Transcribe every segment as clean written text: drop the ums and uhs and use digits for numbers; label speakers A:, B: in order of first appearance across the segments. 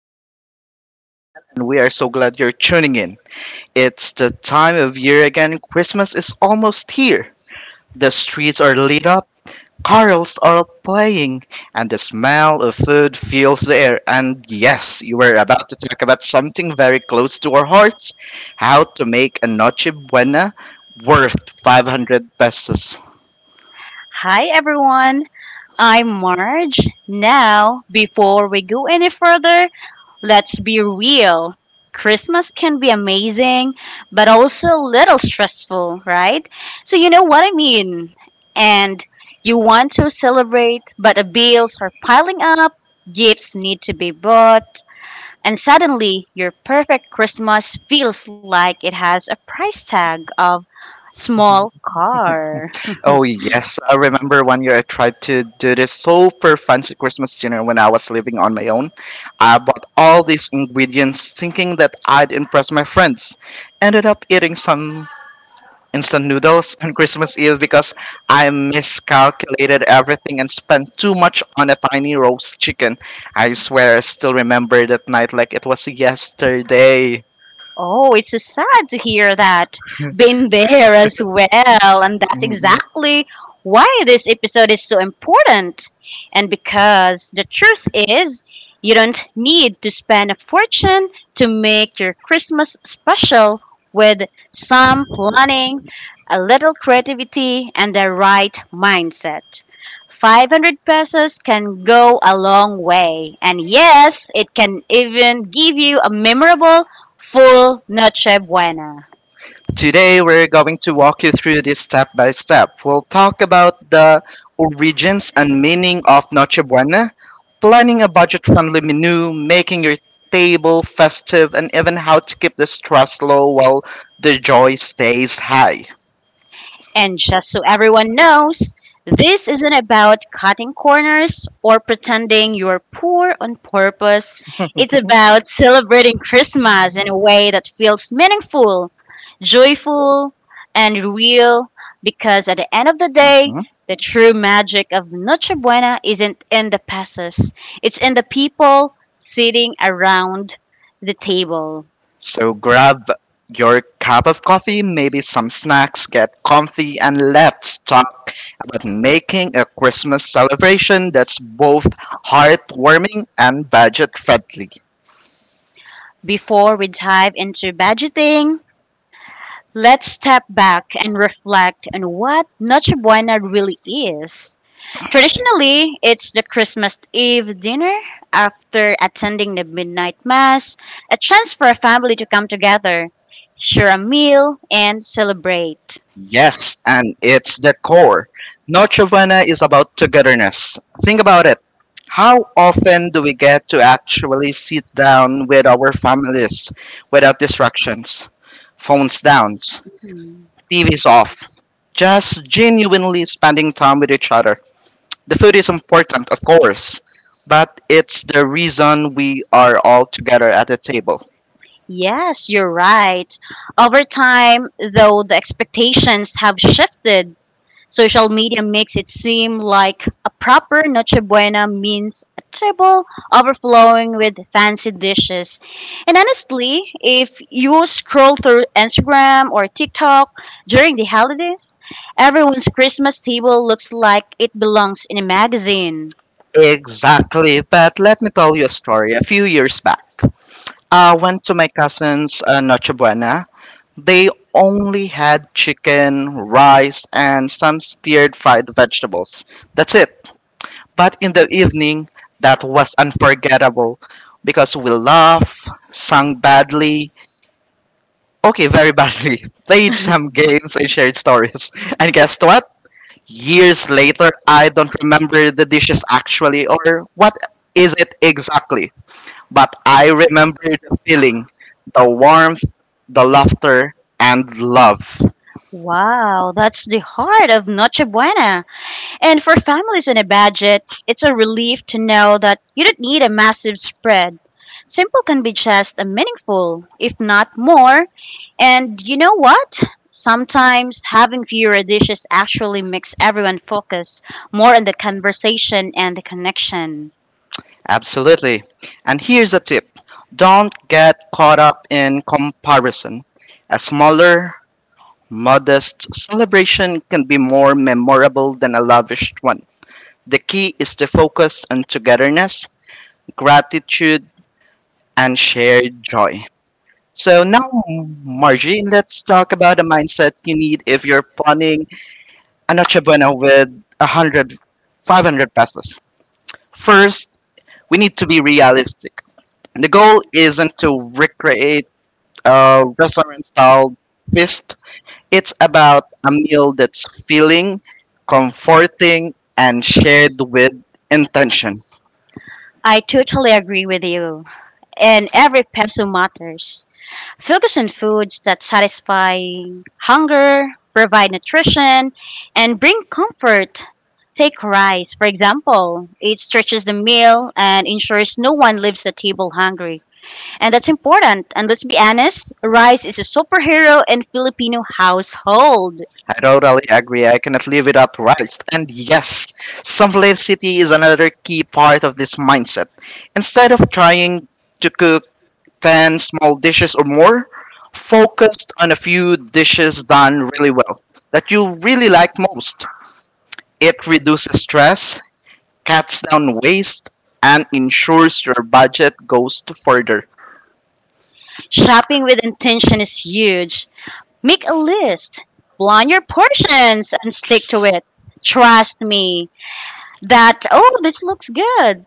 A: podcast. I'm Dan, and we are so glad you're tuning in. It's the time of year again, Christmas is almost here. The streets are lit up, carols are playing, and the smell of food fills the air. And yes, you were about to talk about something very close to our hearts, how to make a noche buena worth 500 pesos.
B: Hi everyone, I'm Marge. Now, before we go any further, let's be real. Christmas can be amazing, but also a little stressful, right? So, you know what I mean. And you want to celebrate, but the bills are piling up, gifts need to be bought, and suddenly your perfect Christmas feels like it has a price tag of small car.
A: Oh yes, I remember one year I tried to do this super fancy Christmas dinner when I was living on my own. I bought all these ingredients thinking that I'd impress my friends. Ended up eating some instant noodles on Christmas Eve because I miscalculated everything and spent too much on a tiny roast chicken. I swear I still remember that night like it was yesterday.
B: Oh, it's so sad to hear that. Been there as well, and that's exactly why this episode is so important. And because the truth is, you don't need to spend a fortune to make your Christmas special with some planning, a little creativity, and the right mindset. 500 pesos can go a long way. And yes, it can even give you a memorable full Noche Buena.
A: Today we're going to walk you through this step by step. We'll talk about the origins and meaning of Noche Buena, planning a budget friendly menu, making your table festive, and even how to keep the stress low while the joy stays high.
B: And just so everyone knows, this isn't about cutting corners or pretending you're poor on purpose. It's about celebrating Christmas in a way that feels meaningful, joyful, and real because at the end of the day, the true magic of Noche Buena isn't in the passes, it's in the people sitting around the table.
A: So grab your cup of coffee, maybe some snacks, get comfy, and let's talk about making a Christmas celebration that's both heartwarming and budget friendly.
B: Before we dive into budgeting, let's step back and reflect on what Noche Buena really is. Traditionally, it's the Christmas Eve dinner after attending the midnight mass, a chance for a family to come together, share a meal, and celebrate.
A: Yes, and it's the core. Noche Buena is about togetherness. Think about it. How often do we get to actually sit down with our families without distractions? Phones down,
B: Hmm.
A: TVs off. Just genuinely spending time with each other. The food is important, of course, but it's the reason we are all together at the table.
B: Yes, you're right. Over time, though, the expectations have shifted. Social media makes it seem like a proper Noche Buena means a table overflowing with fancy dishes. And honestly, if you scroll through Instagram or TikTok during the holidays, everyone's Christmas table looks like it belongs in a magazine.
A: Exactly, but let me tell you a story. A few years back, I went to my cousin's Noche Buena. They only had chicken, rice, and some stirred fried vegetables. That's it. But in the evening, that was unforgettable because we laughed, sang badly. Okay, very badly. Played some games and shared stories. And guess what? Years later, I don't remember the dishes actually or what is it exactly. But I remember the feeling, the warmth, the laughter, and love.
B: Wow, that's the heart of Noche Buena. And for families on a budget, it's a relief to know that you don't need a massive spread. Simple can be just as meaningful, if not more. And you know what? Sometimes having fewer dishes actually makes everyone focus more on the conversation and the connection.
A: Absolutely. And here's a tip, don't get caught up in comparison. A smaller, modest celebration can be more memorable than a lavish one. The key is to focus on togetherness, gratitude, and shared joy. So now, Margie, let's talk about the mindset you need if you're planning a Noche Buena with 100, 500 pesos. First, we need to be realistic. The goal isn't to recreate a restaurant-style feast. It's about a meal that's feeling, comforting, and shared with intention.
B: I totally agree with you, and every peso matters. Focus on foods that satisfy hunger, provide nutrition, and bring comfort. Take rice, for example. It stretches the meal and ensures no one leaves the table hungry. And that's important. And let's be honest, rice is a superhero in Filipino household.
A: I totally agree. I cannot live without rice. And yes, simplicity is another key part of this mindset. Instead of trying to cook 10 small dishes or more, focused on a few dishes done really well that you really like most. It reduces stress, cuts down waste, and ensures your budget goes to further.
B: Shopping with intention is huge. Make a list, plan your portions, and stick to it. Trust me, that, oh, this looks good.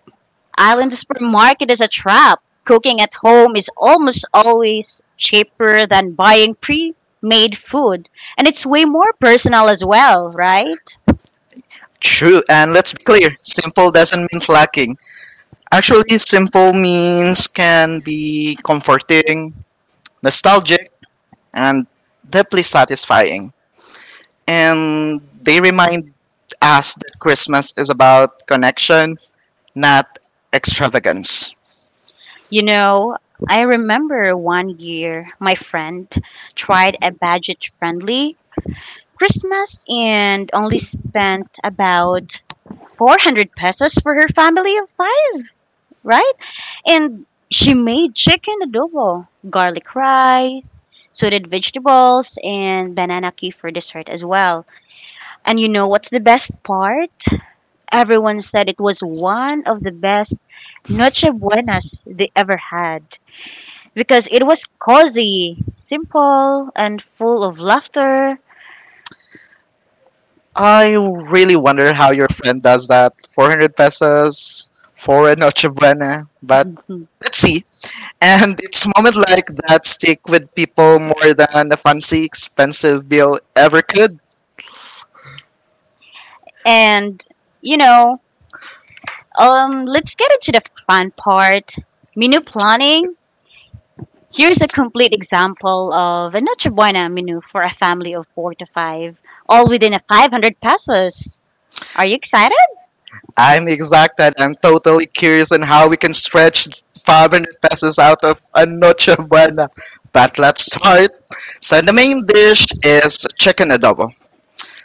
B: Island supermarket is a trap. Cooking at home is almost always cheaper than buying pre made food. And it's way more personal as well, right?
A: True, and let's be clear, simple doesn't mean lacking. Actually, simple means can be comforting, nostalgic, and deeply satisfying. And they remind us that Christmas is about connection, not extravagance.
B: You know, I remember one year my friend tried a budget friendly Christmas and only spent about 400 pesos for her family of five, right? And she made chicken adobo, garlic rice, sauteed vegetables and banana cake for dessert as well. And you know what's the best part? Everyone said it was one of the best noche buenas they ever had because it was cozy, simple, and full of laughter.
A: I really wonder how your friend does that. 400 pesos for a Noche Buena, but
B: Mhm.
A: let's see. And it's moments like that stick with people more than a fancy, expensive bill ever could.
B: And you know, let's get into the fun part. Menu planning. Here's a complete example of a noche buena menu for a family of four to five, all within a 500 pesos. Are you excited?
A: I'm exacted. I'm totally curious on how we can stretch 500 pesos out of a noche buena. But let's start. So the main dish is chicken adobo.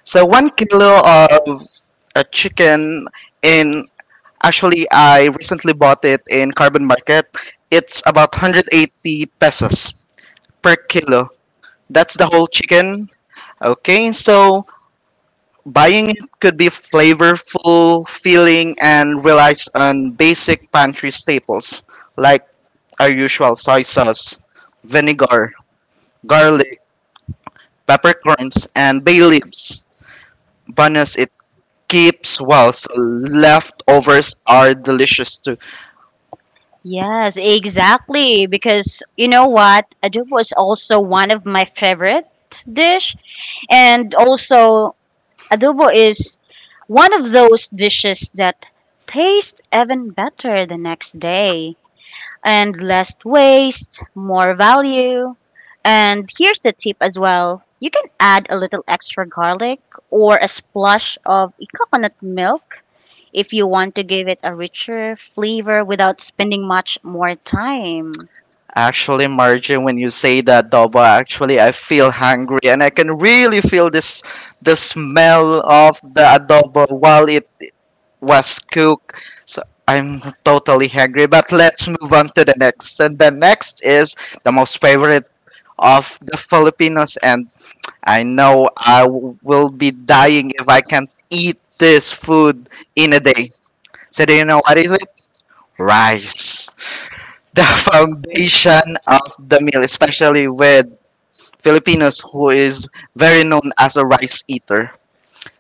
A: So 1 kilo of a chicken in, actually I recently bought it in Carbon Market. It's about 180 pesos per kilo. That's the whole chicken. Okay, so buying it could be flavorful, filling, and relies on basic pantry staples like our usual soy sauce, vinegar, garlic, peppercorns, and bay leaves. Bonus, it keeps well, so leftovers are delicious too.
B: Yes, exactly. Because you know what? Adobo is also one of my favorite dish. And also, adobo is one of those dishes that taste even better the next day. And less waste, more value. And here's the tip as well. You can add a little extra garlic or a splash of coconut milk if you want to give it a richer flavor without spending much more time.
A: Actually, Margie, when you say that adobo, actually, I feel hungry, and I can really feel this, the smell of the adobo while it was cooked. So I'm totally hungry, but let's move on to the next. And the next is the most favorite of the Filipinos, and I know will be dying if I can't eat this food in a day. So do you know what is it? Rice. The foundation of the meal, especially with Filipinos who is very known as a rice eater,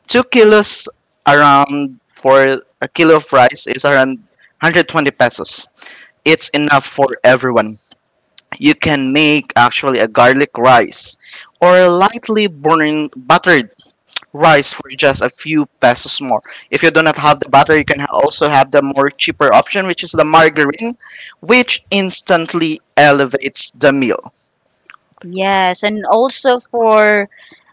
A: 2 kilos around, for a kilo of rice is around 120 pesos. It's enough for everyone. You can make actually a garlic rice or a lightly burning buttered rice for just a few pesos more. If you do not have the butter, you can also have the more cheaper option, which is the margarine, which instantly elevates the meal.
B: Yes, and also for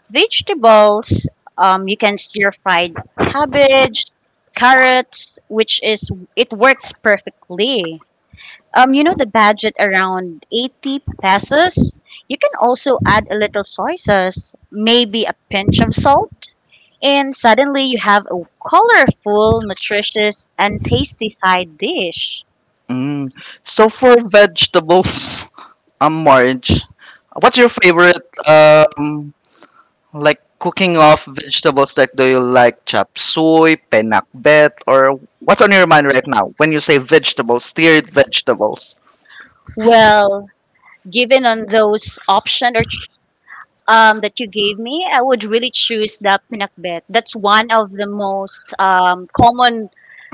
B: vegetables, you can stir fried cabbage, carrots, which is it works perfectly. You know the budget around 80 pesos. You can also add a little soy sauce, maybe a pinch of salt, and suddenly you have a colorful, nutritious, and tasty side dish.
A: Mm. So for vegetables, Marge, what's your favorite um, like cooking off vegetables, like do you like chop suey, penakbet, or what's on your mind right now when you say vegetables, steered vegetables?
B: Well, given on those option or that you gave me, I would really choose the pinakbet. That's one of the most common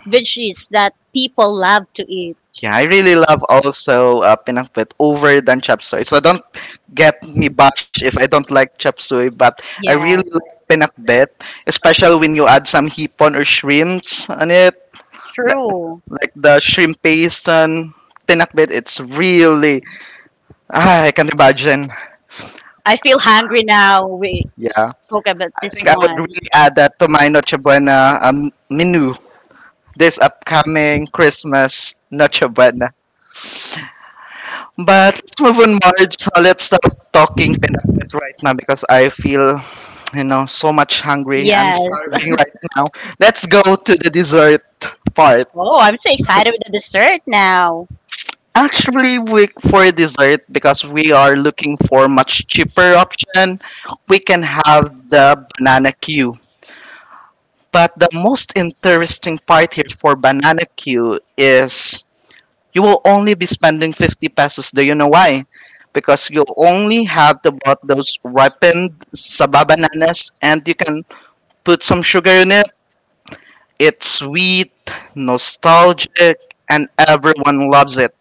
B: veggies that people love to eat.
A: Yeah, I really love also pinakbet over than chop suey. So don't get me bashed if I don't like chop suey, but I really
B: Yes,
A: like pinakbet, especially when you add some hipon or shrimps on it, li-
B: true.
A: like the shrimp paste and pinakbet. It's really ah, I can't imagine.
B: I feel hungry now. We
A: Yeah.
B: spoke about this
A: Think I would
B: one.
A: really add that to my Noche Buena menu this upcoming Christmas Noche Buena. But let's move on, Marge. So let's stop talking Pinakbet right now because I feel, so much hungry. I'm
B: Yes.
A: starving right now. Let's go to the dessert part.
B: Oh, I'm so excited with the dessert now.
A: Actually, we, for dessert, because we are looking for much cheaper option, we can have the banana Q. But the most interesting part here for Banana Q is you will only be spending 50 pesos. Do you know why? Because you only have to bought those ripened saba bananas and you can put some sugar in it. It's sweet, nostalgic, and everyone loves it.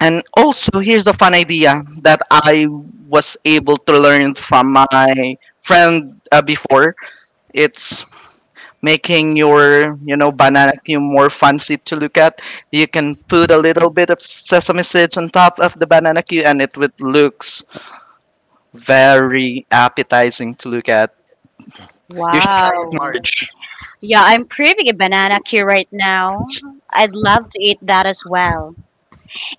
A: And also, here's a fun idea that I was able to learn from my friend before. It's making your banana cue more fancy to look at. You can put a little bit of sesame seeds on top of the banana cue and it would looks very appetizing to look at. You
B: Wow.
A: should merge,
B: Yeah, I'm craving a banana cue right now. I'd love to eat that as well.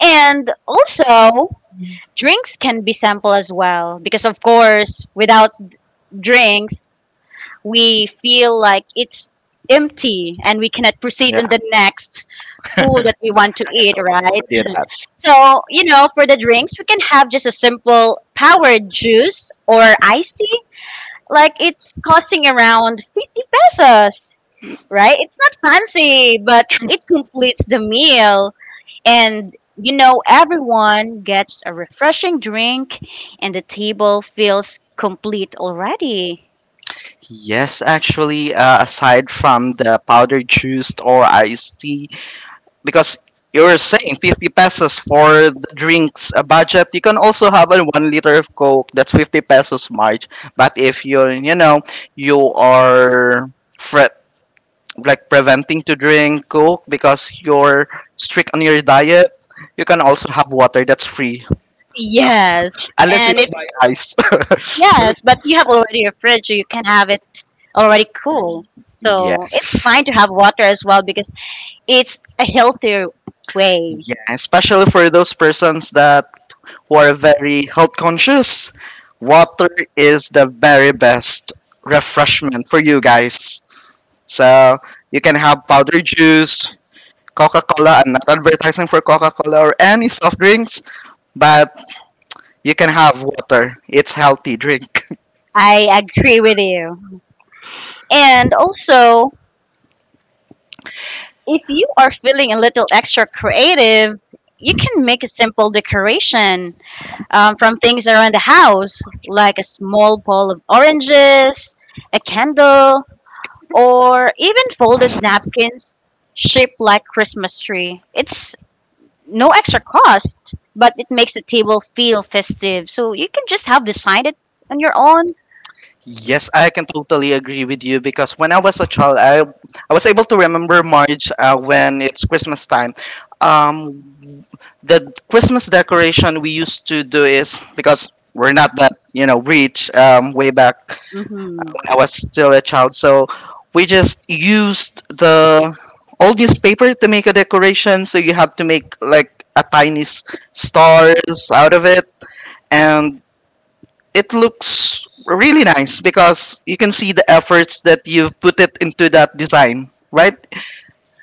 B: And also, drinks can be sample as well because of course, without drinks, we feel like it's empty and we cannot proceed
A: yeah,
B: in the next food that we want to eat, right?
A: do that.
B: So, you know, for the drinks, we can have just a simple powered juice or iced tea. Like it's costing around 50 pesos, right? It's not fancy, but it completes the meal. And, you know, everyone gets a refreshing drink, and the table feels complete already.
A: Yes, actually aside from the powdered juice or iced tea, because you are saying 50 pesos for the drinks budget, you can also have a 1 liter of coke, that's 50 pesos, march. But if you're, you are, fre- like preventing to drink coke because you're strict on your diet, you can also have water, that's free. Uh,
B: Yes.
A: unless you
B: And it,
A: have ice.
B: yes, but you have already a fridge, so you can have it already cool. So it's
A: Yes,
B: fine to have water as well because it's a healthier way.
A: yeah, especially for those persons that who are very health conscious, water is the very best refreshment for you guys. So you can have powder juice, Coca Cola. I'm not advertising for Coca Cola or any soft drinks, but you can have water. It's healthy drink.
B: I agree with you. And also, if you are feeling a little extra creative, you can make a simple decoration from things around the house, like a small bowl of oranges, a candle, or even folded napkins shaped like Christmas tree. It's no extra cost, but it makes the table feel festive. So you can just have designed it on your own.
A: Yes, I can totally agree with you because when I was a child, I was able to remember March when it's Christmas time. Um, the Christmas decoration we used to do is because we're not that rich way back
B: Hmm.
A: when I was still a child, so we just used the old newspaper to make a decoration. So you have to make like a tiny stars out of it, and it looks really nice because you can see the efforts that you've put it into that design, right?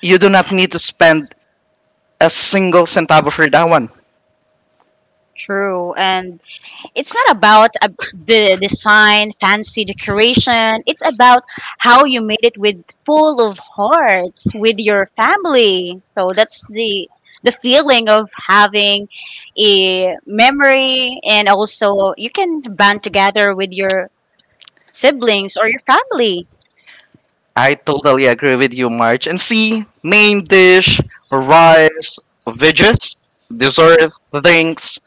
A: You do not need to spend a single centavo for that one.
B: True, and it's not about the design, fancy decoration. It's about how you made it with full of heart with your family. So that's the feeling of having a memory and also you can band together with your siblings or your family.
A: I totally agree with you, March. And see, main dish, rice, veggies, dessert, drinks,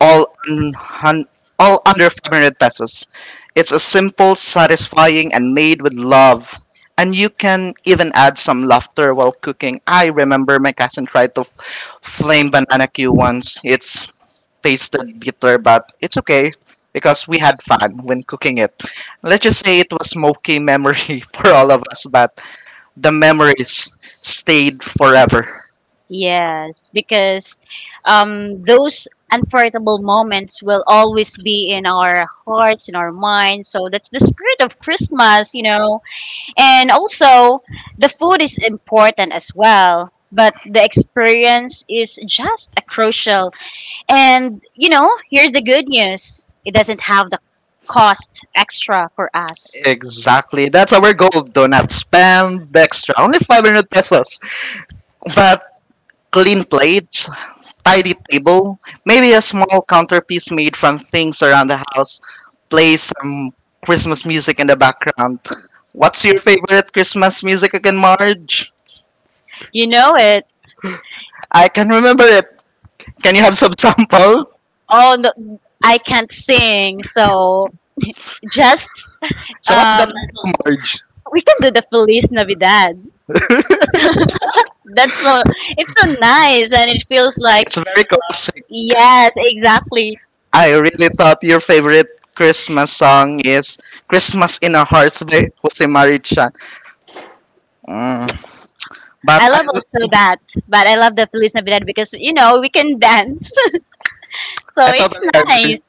A: all un- hun- all under 500 pesos. It's a simple, satisfying, and made with love. And you can even add some laughter while cooking. I remember my cousin tried to flame banana Q once. It's tasted bitter, but it's okay because we had fun when cooking it. Let's just say it was smoky memory for all of us, but the memories stayed forever.
B: Yes, because those unforgettable moments will always be in our hearts, in our minds. So that's the spirit of Christmas, you know. And also, the food is important as well, but the experience is just a crucial. And you know, here's the good news: it doesn't have the cost extra for us.
A: Exactly. That's our goal. Do not spam extra. Only 500 pesos. But clean plates, tidy table, maybe a small counterpiece made from things around the house, play some Christmas music in the background. What's your favorite Christmas music again, Marge?
B: You know it.
A: I can remember it. Can you have some sample?
B: Oh, no, I can't sing, so just
A: So what's
B: um,
A: that, Marge?
B: we can do the Feliz Navidad. That's so. It's so nice, and it feels like.
A: It's very classic.
B: Yes, exactly.
A: I really thought your favorite Christmas song is Christmas in Our Hearts by Jose Marichan. Mm.
B: I
A: But
B: love also that, but I love the Feliz Navidad because you know we can dance, so
A: I thought
B: it's
A: I agree.
B: nice.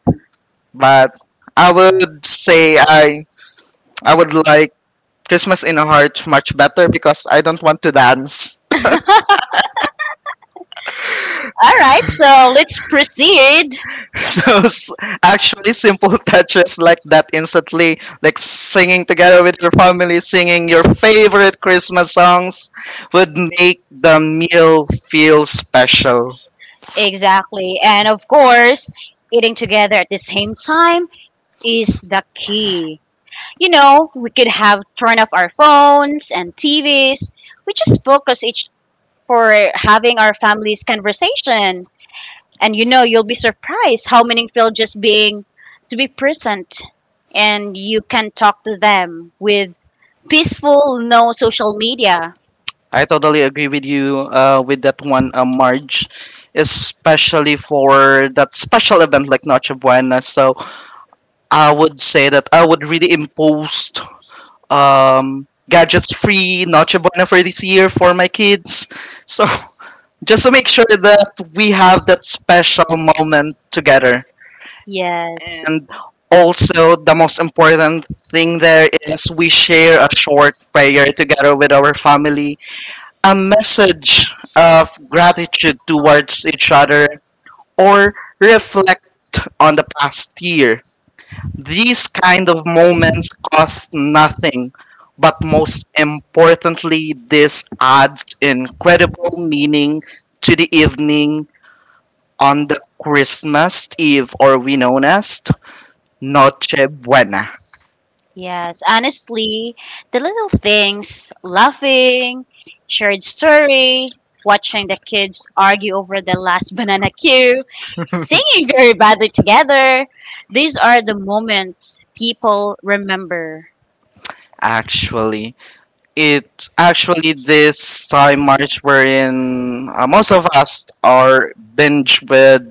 A: But I would say I would like Christmas in a Heart much better because I don't want to dance.
B: All right, so let's proceed.
A: Those actually simple touches like that, instantly, like singing together with your family, singing your favorite Christmas songs, would make the meal feel special.
B: Exactly, and of course, eating together at the same time is the key. You know, we could have turn off our phones and TVs. We just focus each for having our family's conversation, and you know you'll be surprised how meaningful just being to be present and you can talk to them with peaceful, no social media.
A: I totally agree with you with that one, Marge, especially for that special event like Noche Buena. So I would say that I would really impose gadgets free Noche Buena for this year for my kids. So just to make sure that we have that special moment together.
B: Yes.
A: And also, the most important thing there is we share a short prayer together with our family, a message of gratitude towards each other, or reflect on the past year. These kind of moments cost nothing, but most importantly, this adds incredible meaning to the evening on the Christmas Eve, or we known as Noche Buena.
B: Yes, honestly, the little things, laughing, shared story, watching the kids argue over the last banana cue, singing very badly together, these are the moments people remember.
A: Actually, it actually this time March wherein most of us are binge with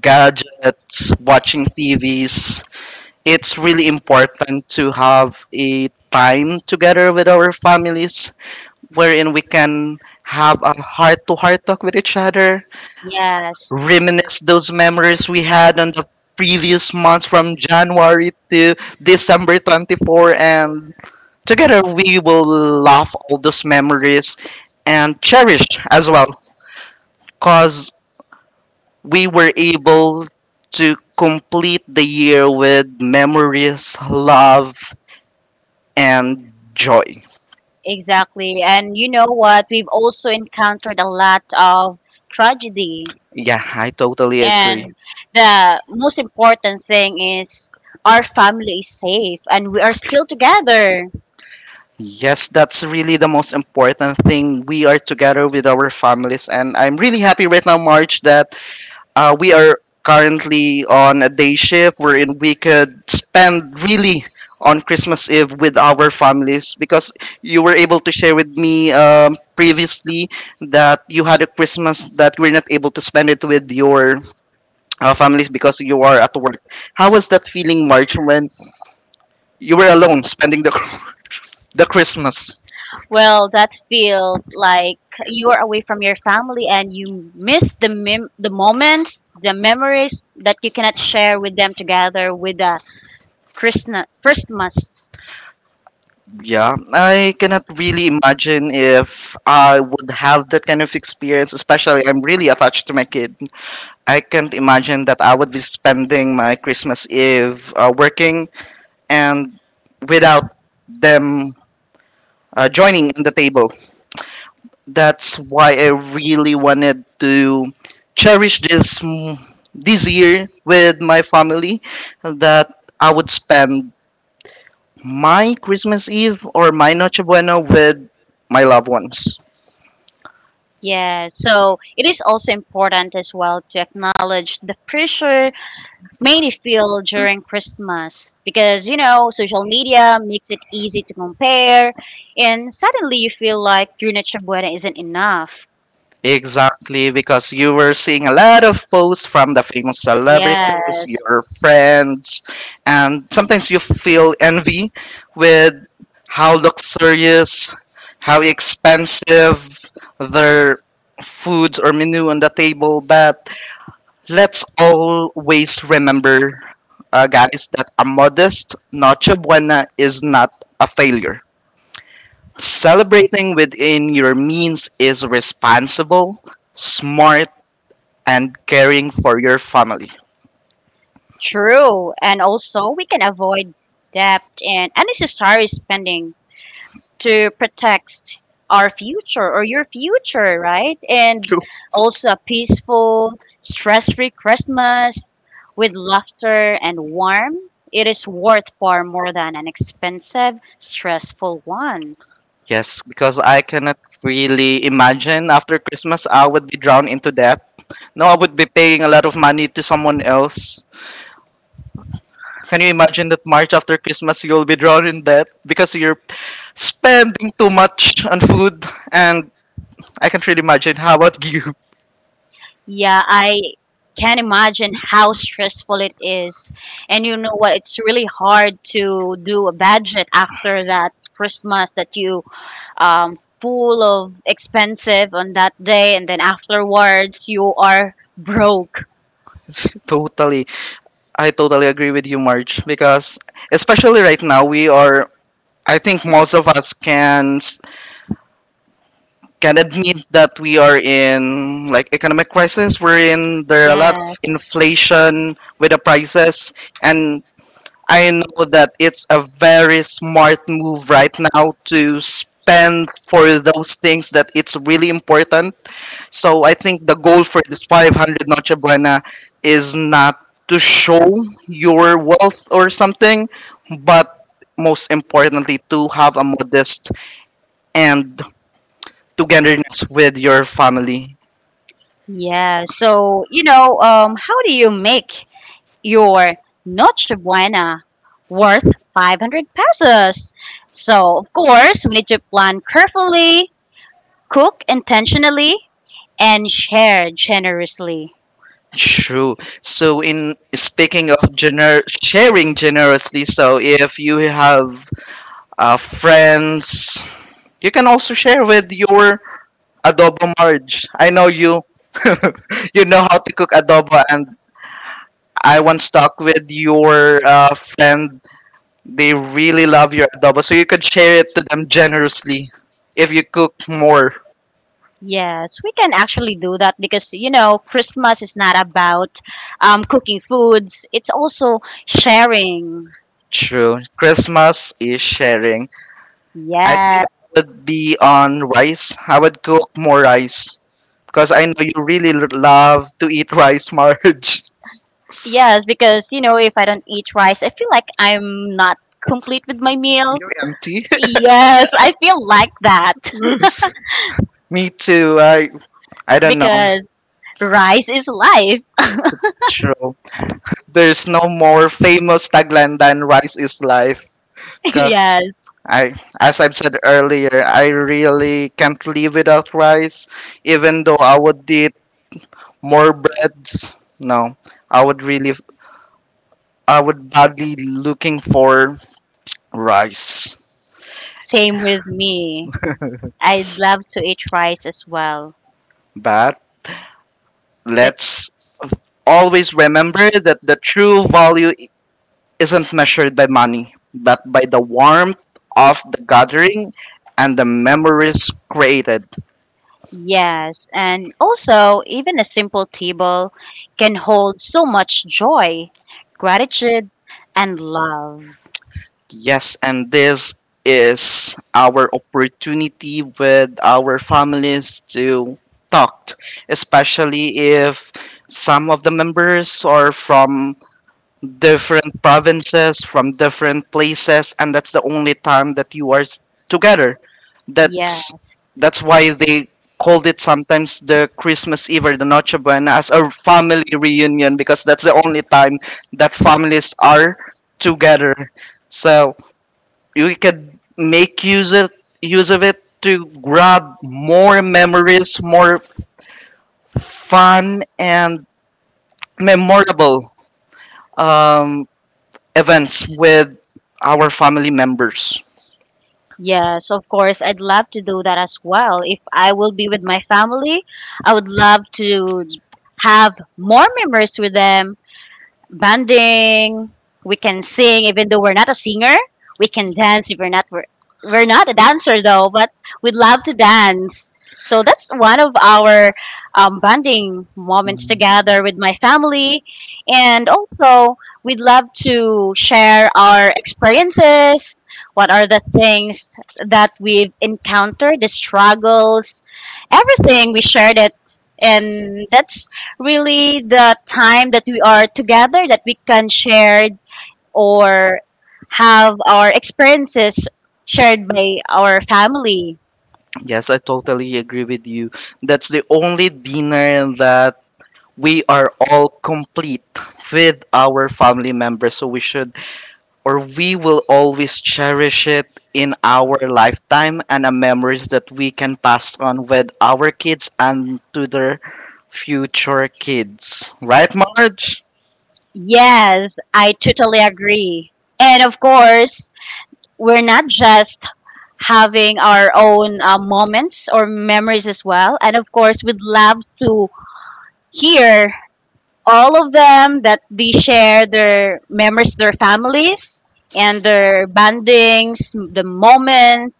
A: gadgets, watching TVs, it's really important to have a time together with our families wherein we can have a heart to heart talk with each other,
B: Yes,
A: reminisce those memories we had on the previous months from January to December 24, and together we will laugh all those memories and cherish as well cause we were able to complete the year with memories, love, and joy.
B: exactly. And you know what? We've also encountered a lot of tragedy.
A: Yeah, I totally agree.
B: And the most important thing is our family is safe and we are still together.
A: Yes, that's really the most important thing. We are together with our families, and I'm really happy right now, March, that we are currently on a day shift wherein we could spend really on Christmas Eve with our families because you were able to share with me previously that you had a Christmas that you were not able to spend it with your families because you are at work. How was that feeling, March, when you were alone spending the Christmas.
B: Well, that feel like you are away from your family and you miss the moments, the memories that you cannot share with them together with the Christmas. Christmas.
A: Yeah, I cannot really imagine if I would have that kind of experience. Especially, I'm really attached to my kid. I can't imagine that I would be spending my Christmas Eve working and without them joining in the table. That's why I really wanted to cherish this this year with my family that I would spend my Christmas Eve or my Noche Buena with my loved ones.
B: Yeah, so it is also important as well to acknowledge the pressure mainly feel during Christmas because you know social media makes it easy to compare, and suddenly you feel like your Noche Buena isn't enough.
A: Exactly, because you were seeing a lot of posts from the famous celebrities,
B: Yes,
A: your friends, and sometimes you feel envy with how luxurious, how expensive their foods or menu on the table. But let's always remember, guys, that a modest Noche Buena is not a failure. Celebrating within your means is responsible, smart, and caring for your family.
B: true, and also we can avoid debt and unnecessary spending to protect our future or your future, right? And
A: True.
B: also a peaceful, stress free Christmas with laughter and warmth. It is worth far more than an expensive, stressful one.
A: Yes, because I cannot really imagine after Christmas I would be drowned into debt. No, I would be paying a lot of money to someone else. Can you imagine that March after Christmas you'll be drowned in debt because you're spending too much on food? And I can't really imagine. How about you?
B: Yeah, I can imagine how stressful it is. And you know what? It's really hard to do a budget after that Christmas that you full of expensive on that day, and then afterwards you are broke.
A: Totally. I totally agree with you, Marge, because especially right now we are I think most of us can admit that we are in like economic crisis. We're in there are a lot of
B: Yes,
A: inflation with the prices, and I know that it's a very smart move right now to spend for those things that it's really important, so I think the goal for this 500 Noche Buena is not to show your wealth or something, but most importantly, to have a modest and togetherness with your family.
B: yeah. So you know, how do you make your Noche Buena worth 500 pesos? So of course we need to plan carefully, cook intentionally, and share generously.
A: True. So, in speaking of sharing generously, so if you have friends, you can also share with your adobo marriage. I know you you know how to cook adobo and I once talked with your friend. They really love your adobo, so you could share it to them generously if you cook more.
B: Yes, we can actually do that because you know Christmas is not about cooking foods. It's also sharing.
A: True. Christmas is sharing. I
B: Right. Yes,
A: think I would be on rice. I would cook more rice because I know you really love to eat rice, Marge.
B: yes, because you know if I don't eat rice, I feel like I'm not complete with my meal.
A: Empty.
B: Yes, I feel like that
A: Me too. I don't know.
B: because rice is life.
A: True. There's no more famous tagline than rice is life because
B: Yes,
A: I, as I've said earlier, I really can't live without rice. Even though I would eat more breads, no, I would really, I would badly looking for rice.
B: same with me. I love to eat rice as well.
A: But let's always remember that the true value isn't measured by money, but by the warmth of the gathering and the memories created.
B: Yes, and also, even a simple table can hold so much joy, gratitude, and love.
A: Yes, and this is our opportunity with our families to talk, especially if some of the members are from different provinces, from different places, and that's the only time that you are together.
B: Yeah,
A: That's why they called it sometimes the Christmas Eve or the Noche Buena as a family reunion because that's the only time that families are together. So you can make use of it to grab more memories, more fun and memorable um, events with our family members.
B: yes, of course, I'd love to do that as well. If I will be with my family, I would love to have more memories with them banding. We can sing even though we're not a singer. We can dance if we're not a dancer though, but we'd love to dance. So that's one of our bonding moments
A: Mhm.
B: together with my family, and also we'd love to share our experiences. What are the things that we've encountered, the struggles, everything we shared it, and that's really the time that we are together that we can share or have our experiences shared by our family.
A: Yes, I totally agree with you. That's the only dinner that we are all complete with our family members. So we should or we will always cherish it in our lifetime and a memories that we can pass on with our kids and to their future kids. Right, Marge?
B: Yes, I totally agree. And of course, we're not just having our own moments or memories as well. And of course, we'd love to hear all of them that they share their memories, their families, and their bandings, the moment.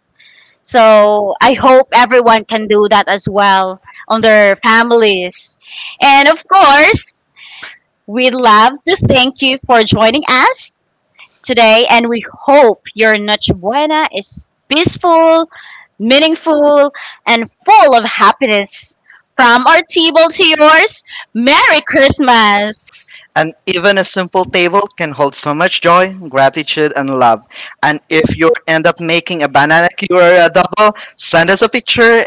B: So I hope everyone can do that as well on their families. And of course, we'd love to thank you for joining us today. And we hope your Noche Buena is peaceful, meaningful, and full of happiness. From our table to yours, Merry Christmas!
A: And even a simple table can hold so much joy, gratitude, and love. And if you end up making a banana cue or adobo, send us a picture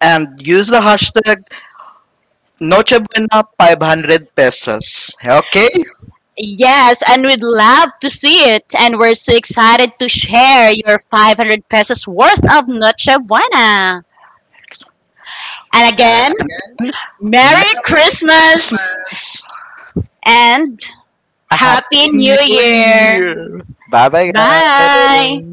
A: and use the hashtag Nochebuena 500 pesos. Okay?
B: Yes, and we'd love to see it. And we're so excited to share your 500 pesos worth of Noche Buena. And again,
A: Uh,
B: Merry Christmas and
A: Happy
B: Happy New
A: New
B: Year.
A: Year! Bye bye,
B: Bye.
A: guys!